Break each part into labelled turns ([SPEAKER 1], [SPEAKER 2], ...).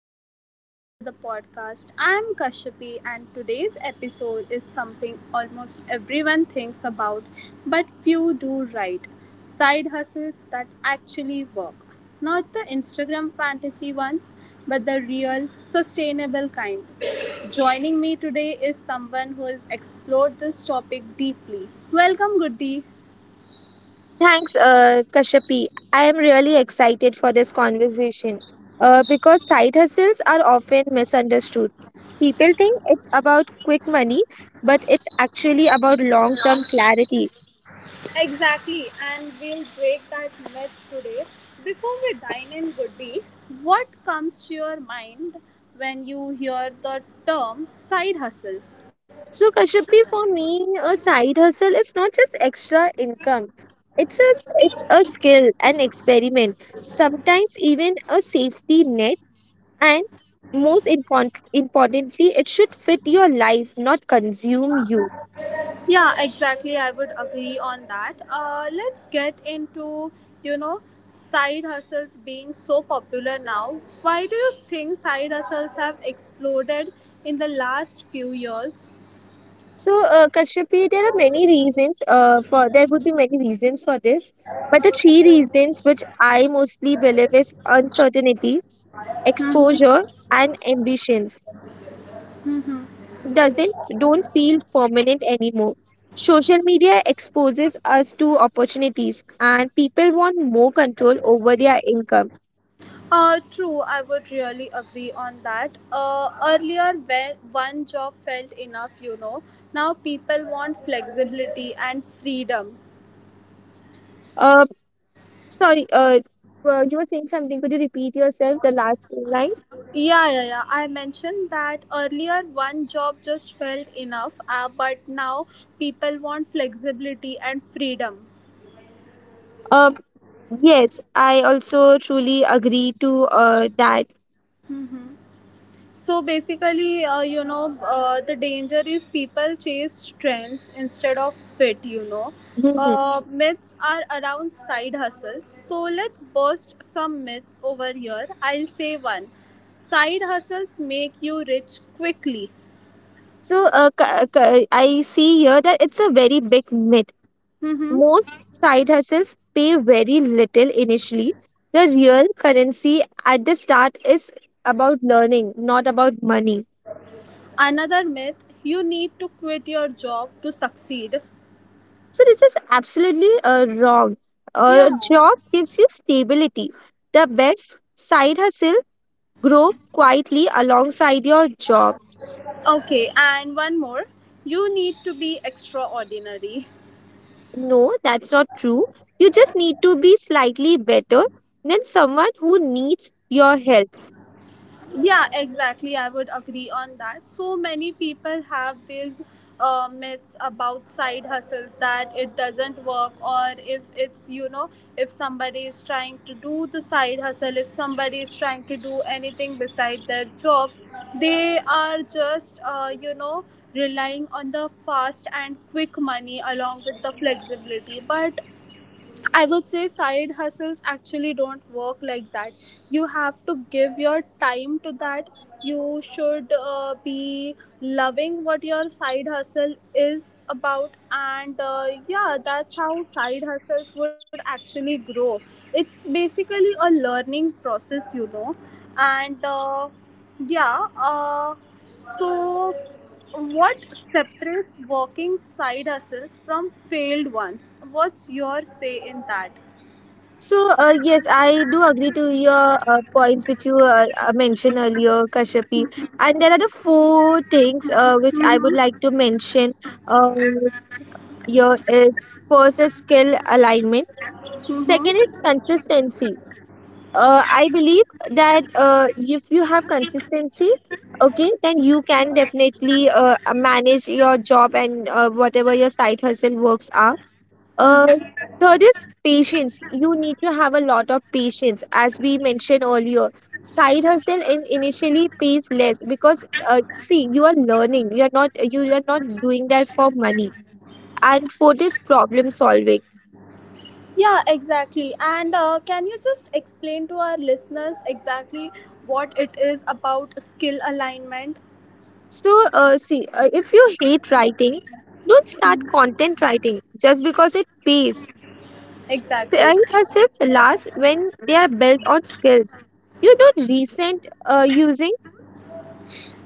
[SPEAKER 1] welcome back to the podcast. I'm Kashyapi, and today's episode is something almost everyone thinks about, but few do right. Side hustles that actually work. Not the Instagram fantasy ones, but the real, sustainable kind. Joining me today is someone who has explored this topic deeply. Welcome, Goody.
[SPEAKER 2] Thanks, Kashyapi. I am really excited for this conversation because side hustles are often misunderstood. People think it's about quick money, but it's actually about long term clarity.
[SPEAKER 1] Exactly, and we'll break that myth today. Before we dine in, Goody, what comes to your mind when you hear the term side hustle?
[SPEAKER 2] So, Kashyapi, for me, a side hustle is not just extra income. It's a, it's a skill, an experiment, sometimes even a safety net, and most importantly, it should fit your life, not consume you.
[SPEAKER 1] Yeah, exactly. I would agree on that. Let's get into you know side hustles being so popular now. Why do you think side hustles have exploded in the last few years?
[SPEAKER 2] So, Kashyapi, there are many reasons for there would be many reasons for this, but the three reasons which I mostly believe is uncertainty, exposure,
[SPEAKER 1] Mm-hmm.
[SPEAKER 2] and ambitions.
[SPEAKER 1] Mm-hmm.
[SPEAKER 2] Job doesn't Don't feel permanent anymore. Social media exposes us to opportunities, and people want more control over their income.
[SPEAKER 1] True, I would really agree on that. Earlier, when one job felt enough. Now people want flexibility and freedom.
[SPEAKER 2] Uh, Sorry, you were saying something. Could you repeat yourself? The last line.
[SPEAKER 1] Yeah, yeah, yeah. I mentioned that earlier one job just felt enough, but now people want flexibility and freedom.
[SPEAKER 2] Uh, yes, I also truly agree to that.
[SPEAKER 1] Mhm. So basically, the danger is people chase trends instead of fit.
[SPEAKER 2] Mhm.
[SPEAKER 1] Myths are around side hustles. So let's burst some myths over here. I'll say one. Side hustles make you rich quickly.
[SPEAKER 2] So I see here that it's a very big myth.
[SPEAKER 1] Mm-hmm.
[SPEAKER 2] Most side hustles pay very little initially. The real currency at the start is about learning, not about money.
[SPEAKER 1] Another myth. You need to quit your job to succeed.
[SPEAKER 2] So this is absolutely wrong. A
[SPEAKER 1] Yeah.
[SPEAKER 2] job gives you stability. The best side hustle grow quietly alongside your job.
[SPEAKER 1] Okay, and one more. You need to be extraordinary.
[SPEAKER 2] No, that's not true. You just need to be slightly better than someone who needs your help.
[SPEAKER 1] Yeah, exactly. I would agree on that. So many people have these myths about side hustles, that it doesn't work, or if it's, if somebody is trying to do the side hustle, if somebody is trying to do anything beside their jobs, they are just relying on the fast and quick money along with the flexibility. But I would say side hustles actually don't work like that. You have to give your time to that. You should be loving what your side hustle is about, and yeah, that's how side hustles would actually grow. It's basically a learning process. And yeah, so What separates working side hustles from failed ones? What's your say in that?
[SPEAKER 2] So, yes, I do agree to your points which you mentioned earlier, Kashyapi. And there are the four things which I would
[SPEAKER 1] Mm-hmm.
[SPEAKER 2] like to mention uh, here. Is first is skill alignment, second is
[SPEAKER 1] Mm-hmm.
[SPEAKER 2] consistency. I believe that if you have consistency, okay, then you can definitely manage your job and whatever your side hustle works are. Uh, Third is patience. You need to have a lot of patience, as we mentioned earlier. Side hustle in initially pays less because see you are learning. You are not doing that for money. And fourth is problem solving.
[SPEAKER 1] Yeah, exactly. And can you just explain to our listeners exactly what it is about skill alignment?
[SPEAKER 2] So, if you hate writing, don't start content writing just because it pays.
[SPEAKER 1] Exactly.
[SPEAKER 2] Site hustles last when they are built on skills. You don't resent using.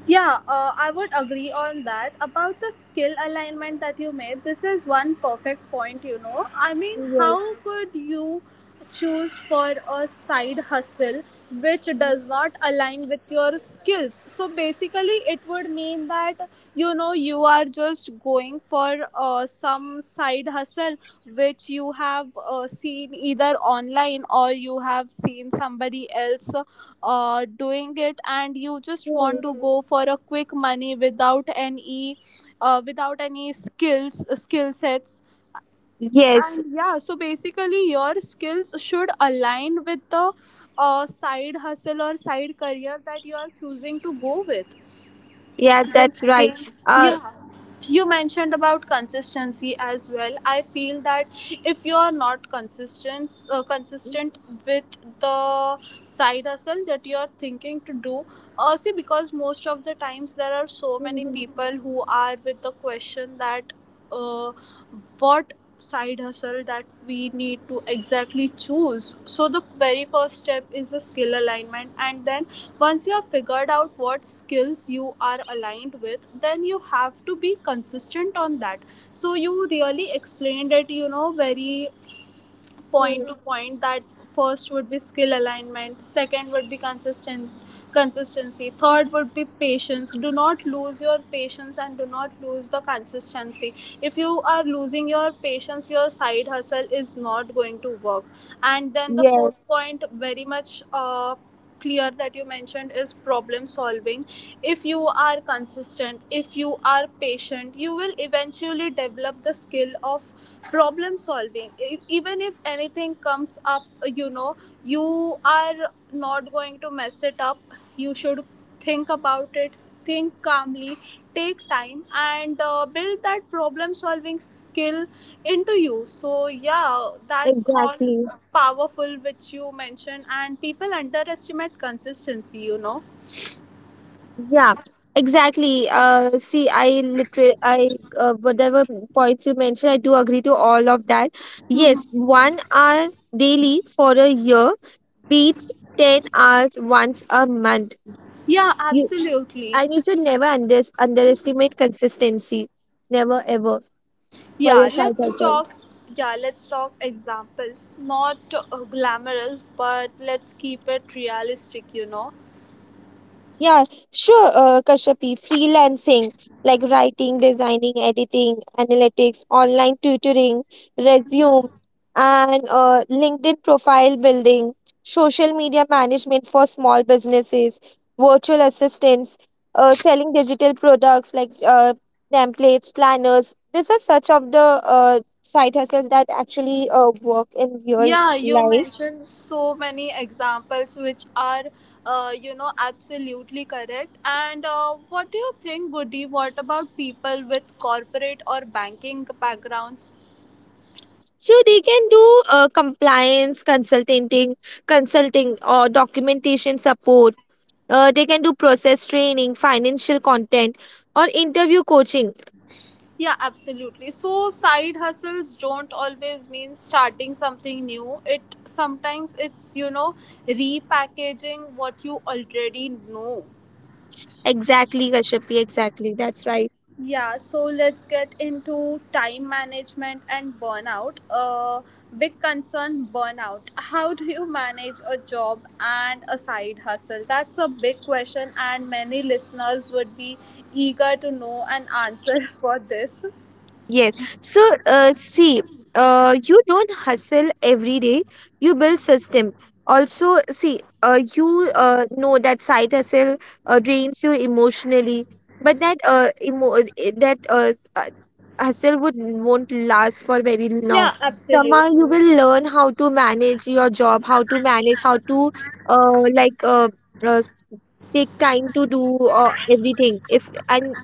[SPEAKER 1] Yeah, I would agree on that. About the skill alignment that you made, this is one perfect point, you know. I mean,
[SPEAKER 2] Yes.
[SPEAKER 1] how could you choose for a side hustle which does not align with your skills? So basically, it would mean that, you know, you are just going for some side hustle which you have seen either online, or you have seen somebody else doing it, and you just want
[SPEAKER 2] Mhm.
[SPEAKER 1] to go for a quick money without any without any skill sets.
[SPEAKER 2] Yes.
[SPEAKER 1] And yeah, so basically your skills should align with the side hustle or side career that you are choosing to go with.
[SPEAKER 2] Yes, that's right. Uh,
[SPEAKER 1] Yeah, you mentioned about consistency as well. I feel that if you are not consistent with the side hustle that you are thinking to do. See, because most of the times there are so many people who are with the question that, uh, what side hustle that we need to exactly choose? So the very first step is the skill alignment, and then once you have figured out what skills you are aligned with, then you have to be consistent on that. So you really explained it, you know, very point to
[SPEAKER 2] Mhm.
[SPEAKER 1] point, that first would be skill alignment, second would be consistent consistency, third would be patience. Do not lose your patience, and do not lose the consistency. If you are losing your patience, your side hustle is not going to work. And then the fourth
[SPEAKER 2] Yes,
[SPEAKER 1] point, very much clear, that you mentioned, is problem solving. If you are consistent, if you are patient, you will eventually develop the skill of problem solving. Even if anything comes up, you know, you are not going to mess it up. You should think about it, think calmly, take time, and build that problem solving skill into you. So yeah, that's all
[SPEAKER 2] exactly.
[SPEAKER 1] powerful which you mentioned, and people underestimate consistency, you know.
[SPEAKER 2] Yeah, exactly. See, I literally, I whatever points you mentioned, I do agree to all of that. Yes, 1 hour daily for a year beats 10 hours once a month.
[SPEAKER 1] Yeah,
[SPEAKER 2] You
[SPEAKER 1] absolutely.
[SPEAKER 2] And you should never underestimate consistency. Never ever for
[SPEAKER 1] Yeah,
[SPEAKER 2] your side
[SPEAKER 1] let's
[SPEAKER 2] hustle.
[SPEAKER 1] talk. Yeah, let's talk examples. Not glamorous, but let's keep it realistic, you know.
[SPEAKER 2] Yeah, sure, Kashyapi. Freelancing, like writing, designing, editing, analytics, online tutoring, resume, and LinkedIn profile building, social media management for small businesses, virtual assistants, selling digital products like templates, planners. These are such of the side hustles that actually work in real
[SPEAKER 1] Yeah, you
[SPEAKER 2] life.
[SPEAKER 1] mentioned so many examples which are, you know, absolutely correct. And what do you think, Goody? What about people with corporate or banking backgrounds?
[SPEAKER 2] So they can do consulting or documentation support. They can do process training, financial content, or interview coaching.
[SPEAKER 1] Yeah, absolutely. So side hustles don't always mean starting something new. It Sometimes it's, you know, repackaging what you already know.
[SPEAKER 2] Exactly, Kashyapi. Exactly. That's right.
[SPEAKER 1] Yeah, so let's get into time management and burnout. Big concern, burnout. How do you manage a job and a side hustle? That's a big question, and many listeners would be eager to know an answer for this.
[SPEAKER 2] Yes. So, uh, see, you don't hustle every day. You build system. Also, see, you know that side hustle drains you emotionally, but that hustle would won't last for very long.
[SPEAKER 1] Yeah,
[SPEAKER 2] Somehow, you
[SPEAKER 1] absolutely.
[SPEAKER 2] will learn how to manage your job, how to uh, like uh, uh, take time to do everything. If and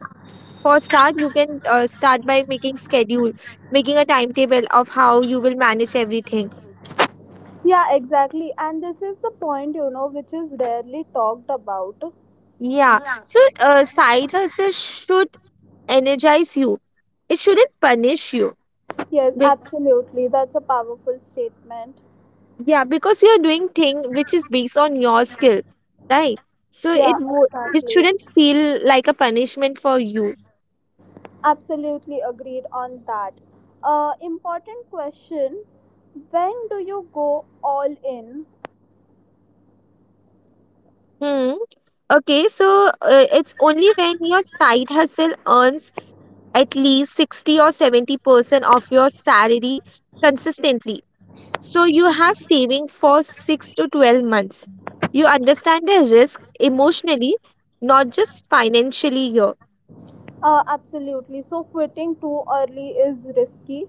[SPEAKER 2] For start you can start by making schedule, making a timetable of how you will manage everything.
[SPEAKER 1] Yeah, exactly. And this is the point, you know, which is rarely talked about.
[SPEAKER 2] Yeah, so side hustle should energize you, it shouldn't punish you.
[SPEAKER 1] Yes,
[SPEAKER 2] Be-
[SPEAKER 1] absolutely. That's a powerful statement.
[SPEAKER 2] yeah, because you are doing thing which is based on your skill, right? so
[SPEAKER 1] Yeah,
[SPEAKER 2] it wo- it
[SPEAKER 1] exactly.
[SPEAKER 2] shouldn't feel like a punishment for you.
[SPEAKER 1] Absolutely agreed on that. Important question. When do you go all in?
[SPEAKER 2] Hmm, okay, so it's only when your side hustle earns at least 60 or 70% of your salary consistently. So you have saving for 6 to 12 months. You understand the risk emotionally, not just financially here.
[SPEAKER 1] Absolutely. So, quitting too early is risky.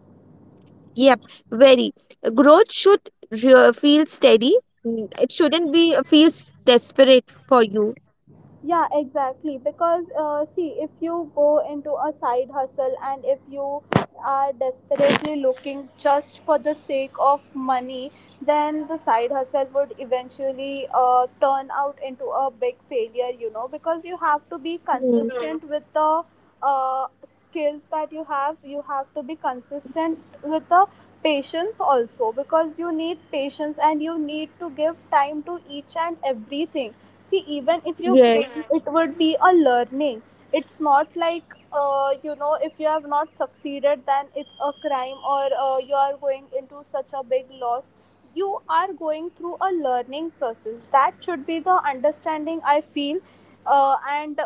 [SPEAKER 2] Yep, very. Growth should feel steady. Mm, it shouldn't be feels desperate for you.
[SPEAKER 1] Yeah, exactly. Because see, if you go into a side hustle, and if you are desperately looking just for the sake of money, then the side hustle would eventually turn out into a big failure, you know, because you have to be
[SPEAKER 2] Mm.
[SPEAKER 1] consistent with the skills that you have. You have to be consistent with the patience also, because you need patience, and you need to give time to each and everything. See, even if you
[SPEAKER 2] Yes.
[SPEAKER 1] fail, it would be a learning. It's not like, you know, if you have not succeeded, then it's a crime, or you are going into such a big loss. You are going through a learning process. That should be the understanding, I feel. And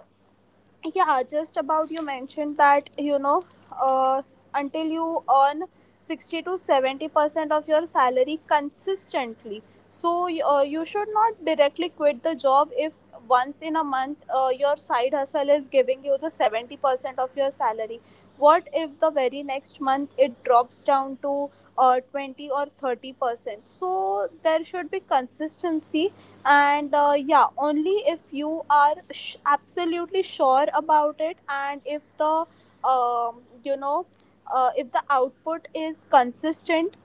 [SPEAKER 1] yeah, just about you mentioned that, you know, uh, until you earn 60 to 70% of your salary consistently. So you should not directly quit the job. If once in a month your side hustle is giving you the 70% of your salary, what if the very next month it drops down to 20 or 30%? So there should be consistency. And yeah, only if you are absolutely sure about it, and if the um, you know if the output is consistent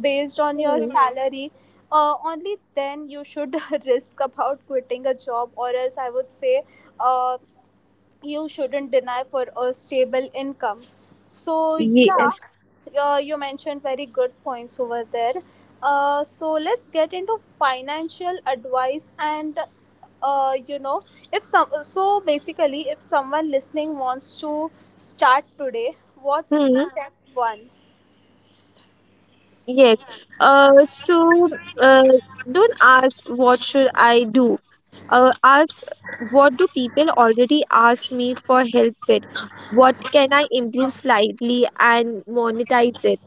[SPEAKER 1] based on your Mhm.
[SPEAKER 2] Mm.
[SPEAKER 1] salary, only then you should risk about quitting a job. Or else I would say, uh, you shouldn't deny for a stable income. So yeah,
[SPEAKER 2] Yes.
[SPEAKER 1] you mentioned very good points over there. So let's get into financial advice, and uh, you know if some so basically, if someone listening wants to start today, what's step one?
[SPEAKER 2] Yes. Uh, so uh, don't ask what should I do. Ask what do people already ask me for help with? What can I improve slightly and monetize it?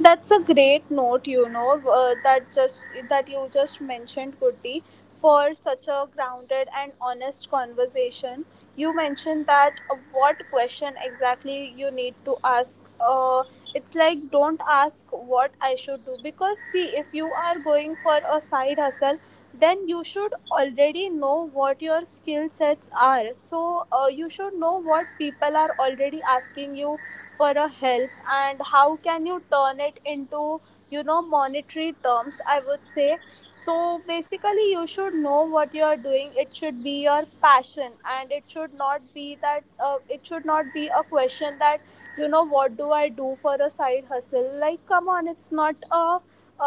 [SPEAKER 1] That's a great note, you know, that you just mentioned, Kuti, for such a grounded and honest conversation. You mentioned that, what question exactly you need to ask. It's like, don't ask what I should do, because see, if you are going for a side hustle, then you should already know what your skill sets are. So you should know what people are already asking you for a help, and how can you turn it into, you know, monetary terms, I would say. So basically, you should know what you are doing. It should be your passion, and it should not be that, it should not be a question that, you know, what do I do for a side hustle? Like, come on, it's not a,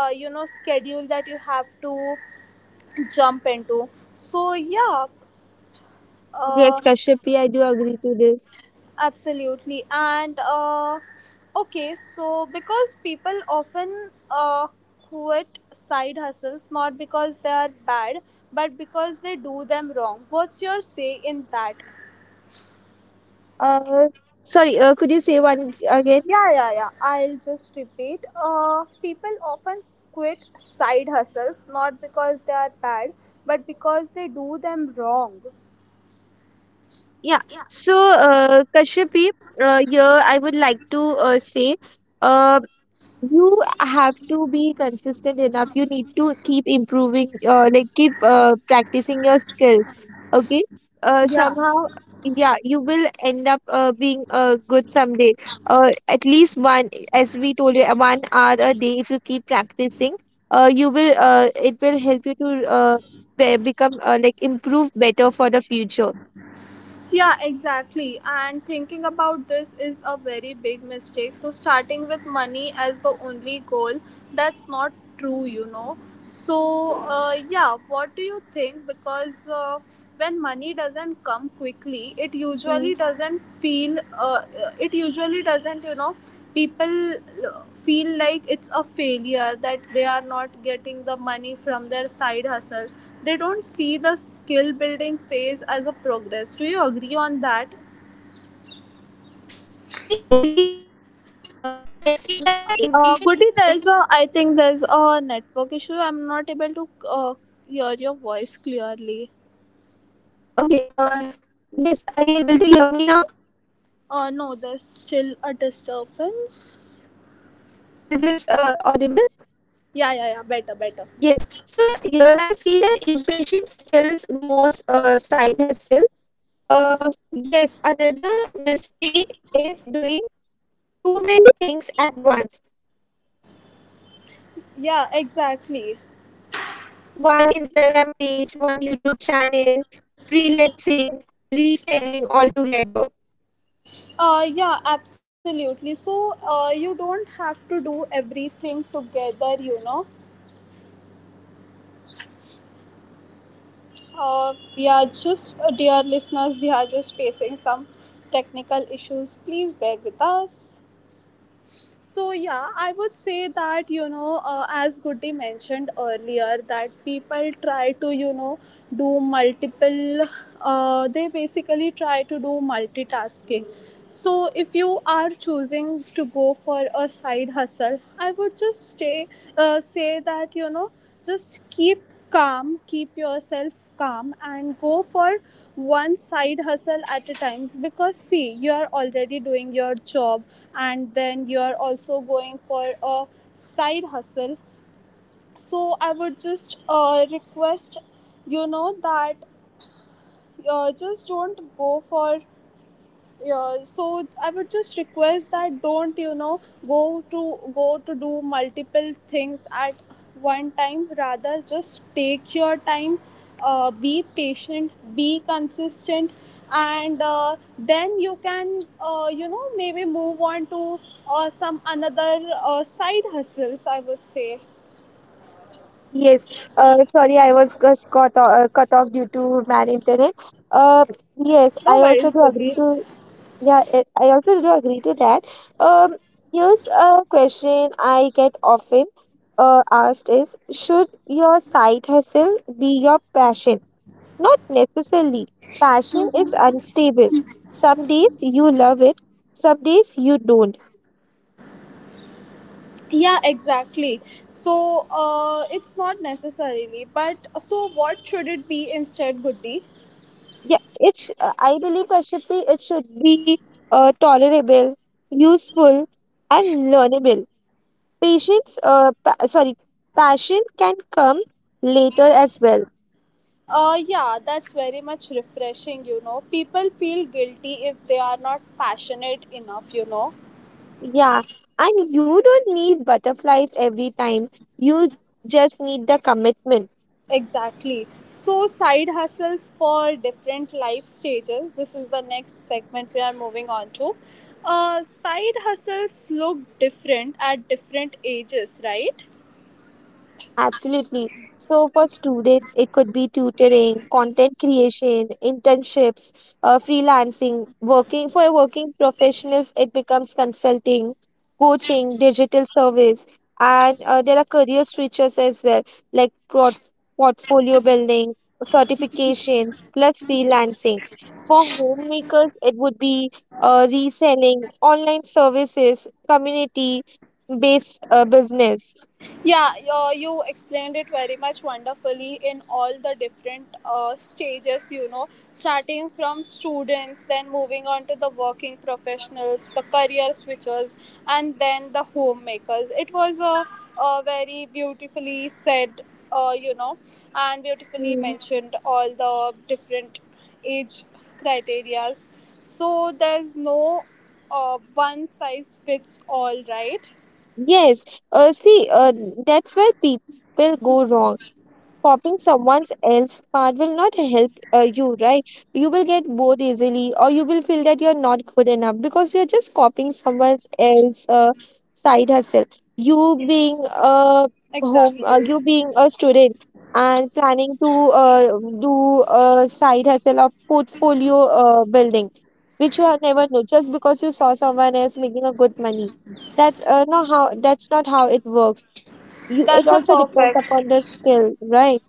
[SPEAKER 1] you know, schedule that you have to jump into. So yeah,
[SPEAKER 2] Yes,
[SPEAKER 1] uh,
[SPEAKER 2] Kashyapi, I do agree to this.
[SPEAKER 1] absolutely. And okay, so because people often quit side hustles, not because they are bad, but because they do them wrong. What's your say in that?
[SPEAKER 2] Uh, Sorry, could you say once again?
[SPEAKER 1] Yeah, yeah, yeah. I'll just repeat. People often quit side hustles, not because they are bad, but because they do them wrong.
[SPEAKER 2] Yeah. So, Kashyapi, here I would like to say, uh, you have to be consistent enough. You need to keep improving, like keep practicing your skills, okay.
[SPEAKER 1] Yeah.
[SPEAKER 2] Somehow Yeah, you will end up being good someday. At least one, as we told you, 1 hour a day, if you keep practicing, you will it will help you to become improve better for the future.
[SPEAKER 1] Yeah, exactly. And thinking about this is a very big mistake. So, starting with money as the only goal, that's not true, you know. So, yeah, what do you think? Because when money doesn't come quickly, it
[SPEAKER 2] Mm,
[SPEAKER 1] usually doesn't feel, it usually doesn't, you know, people feel like it's a failure, that they are not getting the money from their side hustle. They don't see the skill building phase as a progress. Do you agree on that?
[SPEAKER 2] yeah. I believe yes, I see that the impatient.
[SPEAKER 1] Goody, there's a. I think there's a network issue. I'm not able to uh, hear your voice clearly.
[SPEAKER 2] Okay, yes, are you able to hear me now?
[SPEAKER 1] No, there's still a disturbance.
[SPEAKER 2] Is this audible?
[SPEAKER 1] Yeah, yeah, yeah. Better, better.
[SPEAKER 2] Yes. So here I see that impatience kills most side hustle. Yes, another mistake is doing too many things at once.
[SPEAKER 1] Yeah, exactly.
[SPEAKER 2] One Instagram page, one YouTube channel, freelancing, reselling altogether.
[SPEAKER 1] Yeah, absolutely. So, you don't have to do everything together, you know. We are just, dear listeners, we are just facing some technical issues. Please bear with us. So yeah, I would say that, you know, as Goody mentioned earlier, that people try to, you know, do multiple. They basically try to do multitasking. So if you are choosing to go for a side hustle, I would just stay say that just keep calm, keep yourself calm, and go for one side hustle at a time. Because see, you are already doing your job and then you're also going for a side hustle, so I would just request that just don't go for. I would just request that don't go to do multiple things at one time. Rather, just take your time, be patient, be consistent, and then you can maybe move on to some another side hustles, I would say.
[SPEAKER 2] Yes, sorry, I was just cut off due to man internet. Uh, yes, I
[SPEAKER 1] No worries,
[SPEAKER 2] also do agree
[SPEAKER 1] Goodie.
[SPEAKER 2] to. Yeah, I also do agree to that. Um, here's a question I get often asked is should your side hustle be your passion? Not necessarily. Passion is unstable. Some days you love it, some days you don't.
[SPEAKER 1] Yeah, exactly. So it's not necessarily, but so what should it be instead, Goodie?
[SPEAKER 2] Yeah, it's. I believe it should be tolerable, useful, and learnable. Sorry, passion can come later as well.
[SPEAKER 1] Yeah, that's very much refreshing, you know. People feel guilty if they are not passionate enough, you know.
[SPEAKER 2] Yeah, and you don't need butterflies every time. You just need the commitment.
[SPEAKER 1] Exactly. So, side hustles for different life stages. This is the next segment we are moving on to. Side hustles look different at different ages, right?
[SPEAKER 2] Absolutely. So for students, it could be tutoring, content creation, internships, freelancing, working for working professionals, it becomes consulting, coaching, digital service, and there are career switches as well, like portfolio building, certifications, plus freelancing. For homemakers, it would be reselling, online services, community based business.
[SPEAKER 1] Yeah, you explained it very much wonderfully in all the different stages, you know, starting from students, then moving on to the working professionals, the career switchers, and then the homemakers. It was a very beautifully said, uh, you know, and beautifully
[SPEAKER 2] Hmm.
[SPEAKER 1] mentioned all the different age criterias. So there's no one size fits all, right?
[SPEAKER 2] Yes, uh, see, uh, that's where people go wrong copying someone else's part will not help you, right? You will get bored easily, or you will feel that you're not good enough because you're just copying someone else's side hustle. You being a you
[SPEAKER 1] Exactly.
[SPEAKER 2] being a student and planning to do a side hustle of portfolio building, which you have never know just because you saw someone else making a good money. That's not how it works. You. It
[SPEAKER 1] That's a
[SPEAKER 2] also depends
[SPEAKER 1] perfect.
[SPEAKER 2] upon the skill, right?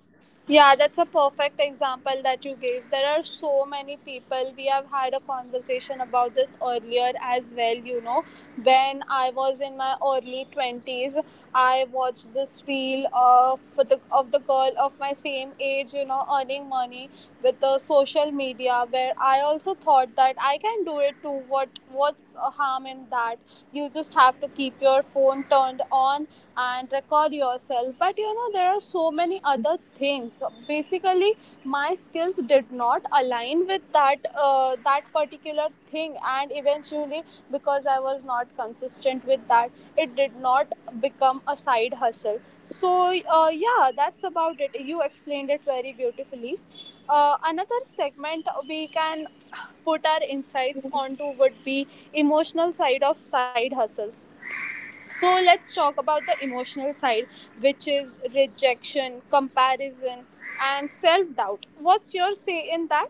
[SPEAKER 1] Yeah, that's a perfect example that you gave. There are so many people. We have had a conversation about this earlier as well. You know, when I was in my early 20s, I watched this reel of, of the girl of my same age, you know, earning money with the social media, where I also thought that I can do it too. What's a harm in that? You just have to keep your phone turned on and record yourself, but you know there are so many other things. Basically, my skills did not align with that particular thing, and eventually, because I was not consistent with that, it did not become a side hustle. So yeah, that's about it. You explained it very beautifully. Another segment we can put our insights onto would be emotional side of side hustles. So let's talk about the emotional side, which is rejection, comparison, and self doubt. What's your say in that?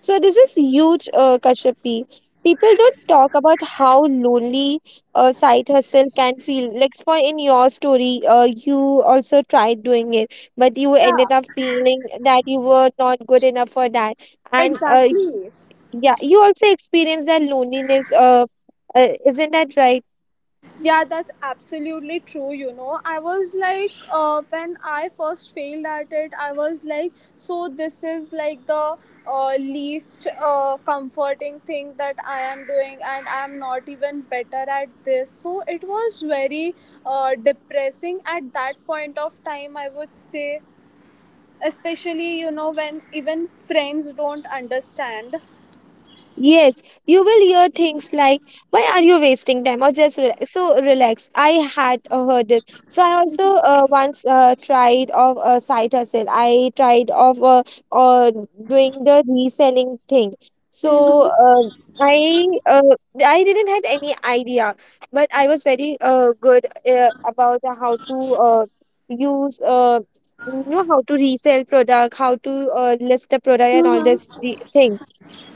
[SPEAKER 2] So this is huge, Kashyapi. People don't talk about how lonely side hustle can feel. Like for in your story, you also tried doing it, but you
[SPEAKER 1] Yeah,
[SPEAKER 2] ended up feeling that you were not good enough for that. And
[SPEAKER 1] exactly.
[SPEAKER 2] yeah, you also experienced that loneliness. Isn't that right?
[SPEAKER 1] Yeah, that's absolutely true. You know, I was like, when I first failed at it, I was like, so this is like the least comforting thing that I am doing, and I'm not even better at this. So it was very depressing at that point of time, I would say, especially, you know, when even friends don't understand.
[SPEAKER 2] Yes, you will hear things like, why are you wasting time? Or just re so relax. I had heard it. So I also once tried of a side hustle. I tried of uh, doing the reselling thing. So I uh, I didn't had any idea, but I was very good about how to use you know how to resell product, how to list a product and all this the thing.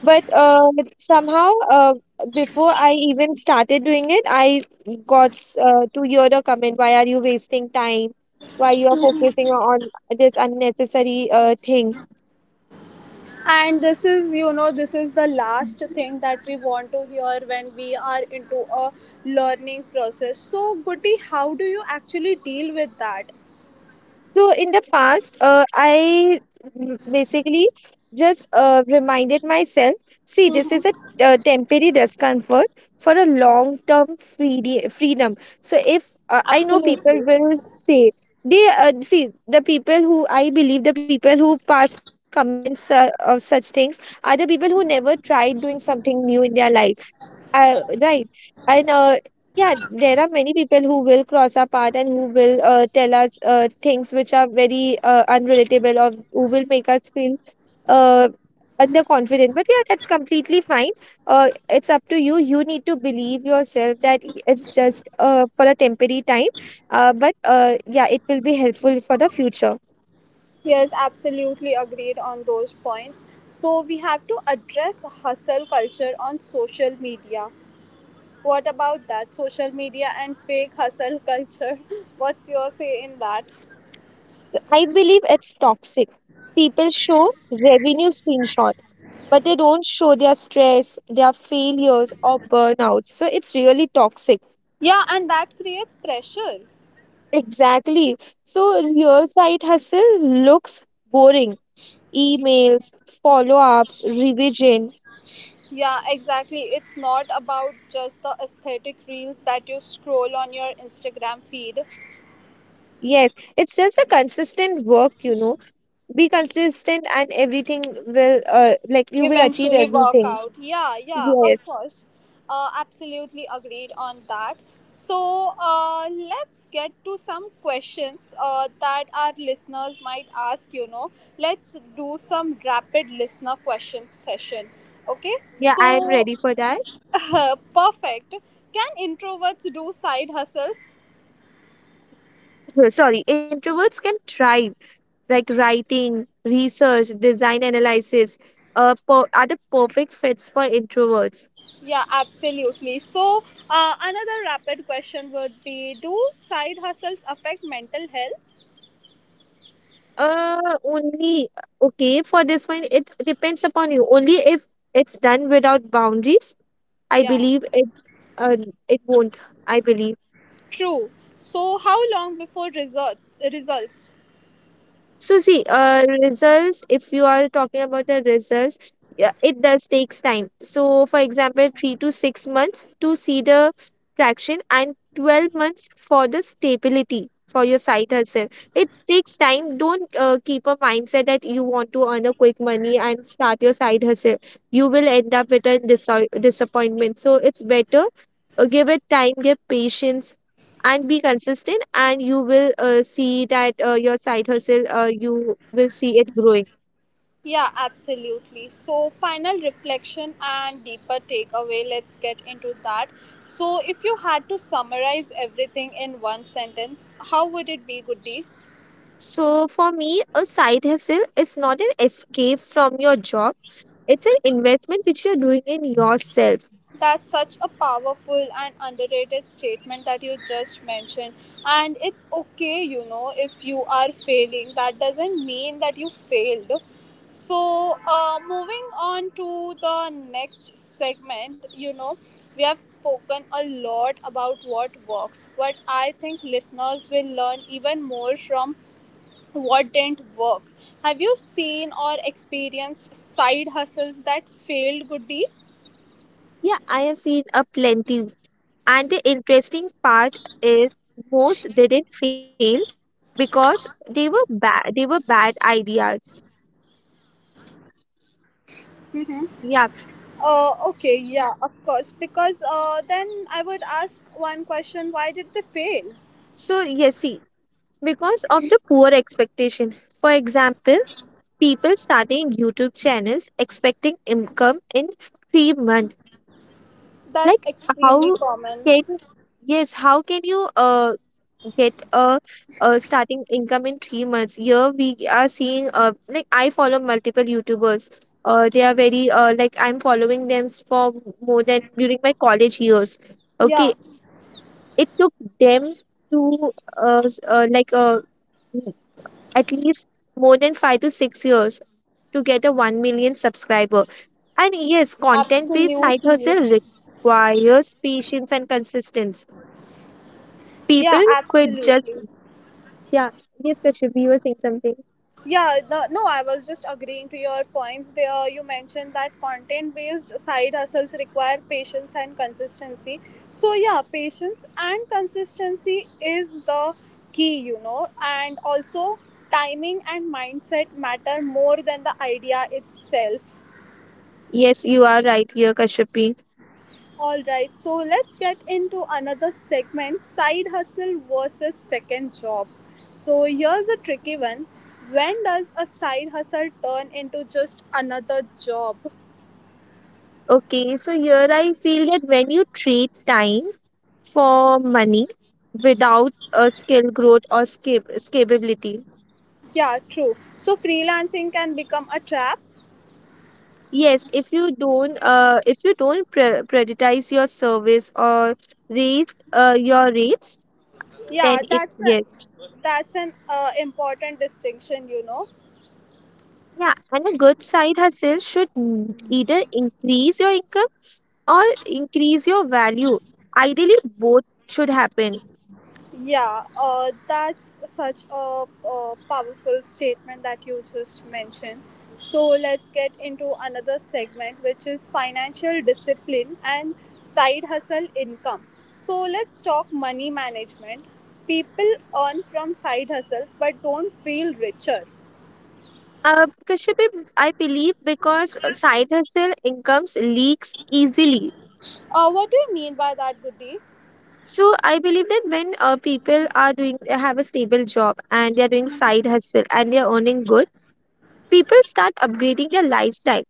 [SPEAKER 2] But somehow, uh, before I even started doing it, I got to hear the comment, why are you wasting time? Why you are focusing on this unnecessary thing?
[SPEAKER 1] And this is, you know, this is the last thing that we want to hear when we are into a learning process. So, Guti, how do you actually deal with that?
[SPEAKER 2] So in the past, basically just reminded myself, see, this is a temporary discomfort for a long-term freedom. So if I know people
[SPEAKER 1] Absolutely.
[SPEAKER 2] will say the people who, I believe, the people who pass comments of such things are the people who never tried doing something new in their life, right. And yeah, there are many people who will cross our path and who will tell us things which are very unrelatable or who will make us feel uh, underconfident. But yeah, that's completely fine. It's up to you. You need to believe yourself that it's just for a temporary time. But Yeah, it will be helpful for the future.
[SPEAKER 1] Yes, absolutely agreed on those points. So, we have to address hustle culture on social media. What about that? Social media and fake hustle culture. What's your say in that?
[SPEAKER 2] I believe it's toxic. People show revenue screenshot, but they don't show their stress, their failures, or burnouts. So it's really toxic.
[SPEAKER 1] Yeah, and that creates pressure.
[SPEAKER 2] Exactly. So real side hustle looks boring. Emails, follow ups, revision.
[SPEAKER 1] Yeah, exactly. It's not about just the aesthetic reels that you scroll on your Instagram feed
[SPEAKER 2] Yes, it's just a consistent work, you know. Be consistent and everything will, you will achieve
[SPEAKER 1] eventually work
[SPEAKER 2] everything.
[SPEAKER 1] out. Yeah, yeah, of
[SPEAKER 2] Yes.
[SPEAKER 1] course. Absolutely agreed on that. So, let's get to some questions that our listeners might ask. You know, let's do some rapid listener questions session. Okay,
[SPEAKER 2] Yeah,
[SPEAKER 1] so
[SPEAKER 2] I'm ready for that.
[SPEAKER 1] perfect. Can introverts do side hustles?
[SPEAKER 2] Sorry, introverts can thrive like writing research design analysis. Are the perfect fits for introverts.
[SPEAKER 1] Yeah, absolutely. So, another rapid question would be, do side hustles affect mental health?
[SPEAKER 2] Only okay, for this one it depends upon you. Only if it's done without boundaries, I
[SPEAKER 1] Yeah,
[SPEAKER 2] believe it uh, it won't, I believe.
[SPEAKER 1] true. So, how long before result, results?
[SPEAKER 2] So see, results. If you are talking about the results, yeah, it does takes time. So for example, 3 to 6 months to see the traction, and 12 months for the stability for your site hustle. It takes time. Don't keep a mindset that you want to earn a quick money and start your side hustle. You will end up with a disappointment. So it's better, give it time, give patience, and be consistent and you will see that your side hustle, you will see it growing.
[SPEAKER 1] Yeah, absolutely. So, final reflection and deeper takeaway, let's get into that. So, if you had to summarize everything in one sentence, how would it be, Goody?
[SPEAKER 2] So for me, a side hustle is not an escape from your job. It's an investment which you're doing in yourself.
[SPEAKER 1] That's such a powerful and underrated statement that you just mentioned. And it's okay, you know, if you are failing. That doesn't mean that you failed. So, moving on to the next segment, you know, we have spoken a lot about what works, but I think listeners will learn even more from what didn't work. Have you seen or experienced side hustles that failed, Goody?
[SPEAKER 2] Yeah, I have seen a plenty, and the interesting part is most didn't fail because they were bad, they were bad ideas.
[SPEAKER 1] Mm-hmm.
[SPEAKER 2] Yeah.
[SPEAKER 1] Okay, yeah, of course. Because then I would ask one question, why did they fail?
[SPEAKER 2] So yes, see, because of the poor expectation. For example, people starting YouTube channels expecting income in 3 months. Like,
[SPEAKER 1] That's
[SPEAKER 2] how
[SPEAKER 1] extremely
[SPEAKER 2] can,
[SPEAKER 1] common.
[SPEAKER 2] yes, how can you get a starting income in 3 months? Here we are seeing, uh, like I follow multiple YouTubers. They are very uh, like I'm following them for more than during my college years. Okay,
[SPEAKER 1] Yeah,
[SPEAKER 2] it took them to, uh, s- uh like uh m- at least more than 5 to 6 years to get a 1 million subscriber. And yes, content based side
[SPEAKER 1] absolutely.
[SPEAKER 2] hustle requires patience and consistency.
[SPEAKER 1] Yeah,
[SPEAKER 2] People quit just.
[SPEAKER 1] absolutely.
[SPEAKER 2] Yeah, yes, Kashyapi, you were saying something.
[SPEAKER 1] Yeah, no, I was just agreeing to your points. There, you mentioned that content based side hustles require patience and consistency. So, yeah, patience and consistency is the key, you know, and also timing and mindset matter more than the idea itself.
[SPEAKER 2] Yes, you are right here, Kashyapi.
[SPEAKER 1] All right, so let's get into another segment, side hustle versus second job. So, here's a tricky one. When does a side hustle turn into just another job?
[SPEAKER 2] Okay, so here I feel that when you trade time for money without a skill growth or scalability.
[SPEAKER 1] Yeah, true. So, freelancing can become a trap.
[SPEAKER 2] Yes, if you don't prioritize your service or raise your rates, then
[SPEAKER 1] Yeah,
[SPEAKER 2] it, yes.
[SPEAKER 1] that's an important distinction, you know.
[SPEAKER 2] Yeah, and a good side hustle should either increase your income or increase your value. Ideally, both should happen.
[SPEAKER 1] Yeah, that's such a powerful statement that you just mentioned. So let's get into another segment, which is financial discipline and side hustle income. So let's talk money management. People earn from side hustles but don't feel richer.
[SPEAKER 2] Kashyap, I believe because side hustle incomes leaks easily.
[SPEAKER 1] What do you mean by that, Goody?
[SPEAKER 2] So I believe that when people are doing, they have a stable job and they are doing side hustle and they are earning good, people start upgrading their lifestyle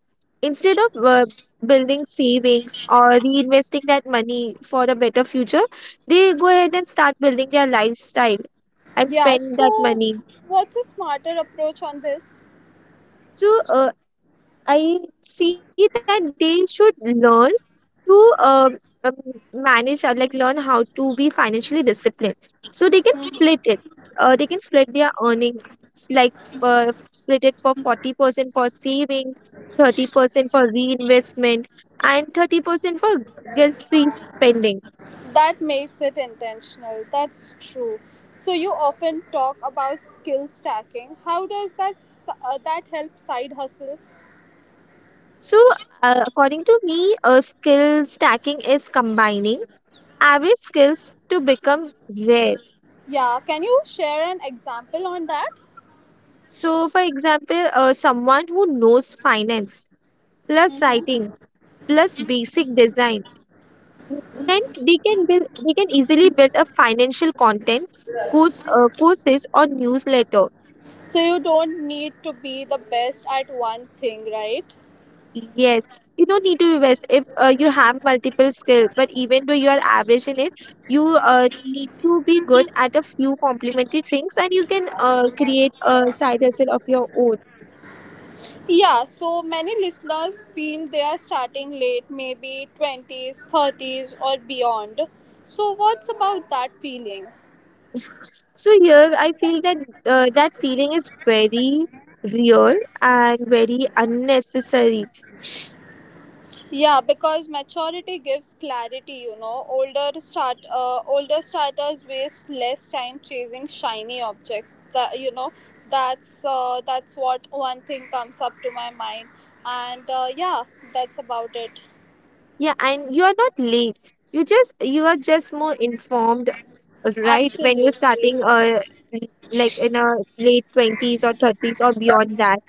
[SPEAKER 2] instead of building savings or reinvesting that money for a better future. They go ahead and start building their lifestyle and
[SPEAKER 1] Yeah,
[SPEAKER 2] spend that
[SPEAKER 1] so
[SPEAKER 2] money.
[SPEAKER 1] what's a smarter approach on this?
[SPEAKER 2] So I see that they should learn to, um, manage or like learn how to be financially disciplined. So they can it. They can split their earning, like, split it for 40% for saving, 30% for reinvestment, and 30% for guilt-free spending.
[SPEAKER 1] That makes it intentional. That's true. So you often talk about skill stacking. How does that help side hustles?
[SPEAKER 2] So, according to me, skill stacking is combining average skills to become rare.
[SPEAKER 1] Yeah, can you share an example on that?
[SPEAKER 2] So, for example, someone who knows finance plus writing plus basic design, then they can build, they can easily build a financial content course, courses or newsletter.
[SPEAKER 1] So you don't need to be the best at one thing, right?
[SPEAKER 2] Yes, you don't need to invest if you have multiple skill, but even though you are average in it, you need to be good at a few complementary things and you can create a side hustle of your own.
[SPEAKER 1] Yeah, so many listeners feel they are starting late, maybe 20s, 30s or beyond. So what's about that feeling?
[SPEAKER 2] So here I feel that that feeling is very real and very unnecessary.
[SPEAKER 1] Yeah, because maturity gives clarity, you know. Older starters waste less time chasing shiny objects. That you know, that's what one thing comes up to my mind. And yeah, that's about it.
[SPEAKER 2] Yeah, and you are not late. You are just more informed, right? When you're
[SPEAKER 1] Absolutely.
[SPEAKER 2] starting like in a late 20s or thirties or beyond that.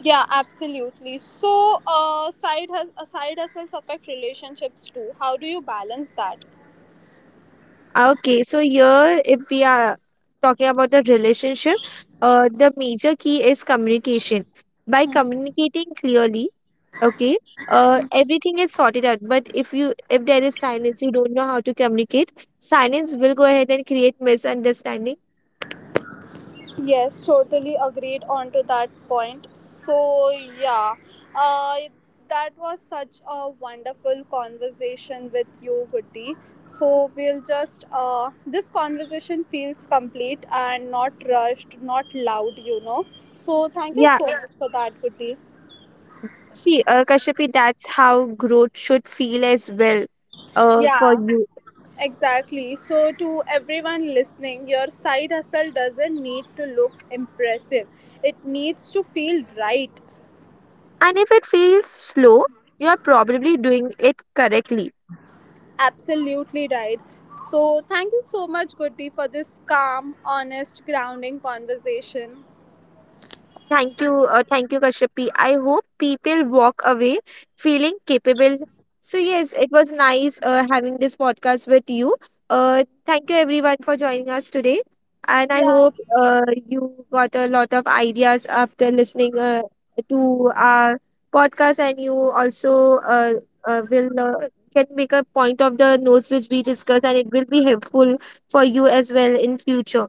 [SPEAKER 1] Yeah, absolutely. So, side hustles affect relationships too. How do you balance that?
[SPEAKER 2] Okay, so here if we are talking about the relationship, the major key is communication. By communicating clearly, okay, everything is sorted out, but if you, if there is silence, you don't know how to communicate, silence will go ahead and create misunderstanding.
[SPEAKER 1] Yes, totally agreed on to that point. So yeah, uh, that was such a wonderful conversation with you, Goody. So we'll just this conversation feels complete and not rushed, not loud, you know. So thank you
[SPEAKER 2] Yeah,
[SPEAKER 1] so much for that, Goody.
[SPEAKER 2] see, Kashyapi, that's how growth should feel as well, for
[SPEAKER 1] Yeah,
[SPEAKER 2] you.
[SPEAKER 1] exactly. So to everyone listening, your side hustle doesn't need to look impressive. It needs to feel right.
[SPEAKER 2] And if it feels slow, you're probably doing it correctly.
[SPEAKER 1] Absolutely right. So, thank you so much, Goody, for this calm, honest, grounding conversation.
[SPEAKER 2] Thank you, Kashyapi. I hope people walk away feeling capable. So yes, it was nice having this podcast with you. Thank you everyone for joining us today, and I
[SPEAKER 1] Yeah.
[SPEAKER 2] hope, you got a lot of ideas after listening, to our podcast, and you also, will can make a point of the notes which we discussed, and it will be helpful for you as well in future.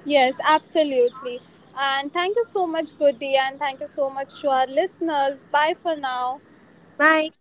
[SPEAKER 1] Yes, absolutely. And thank you so much, Goody, and thank you so much to our listeners. Bye for now.
[SPEAKER 2] Bye.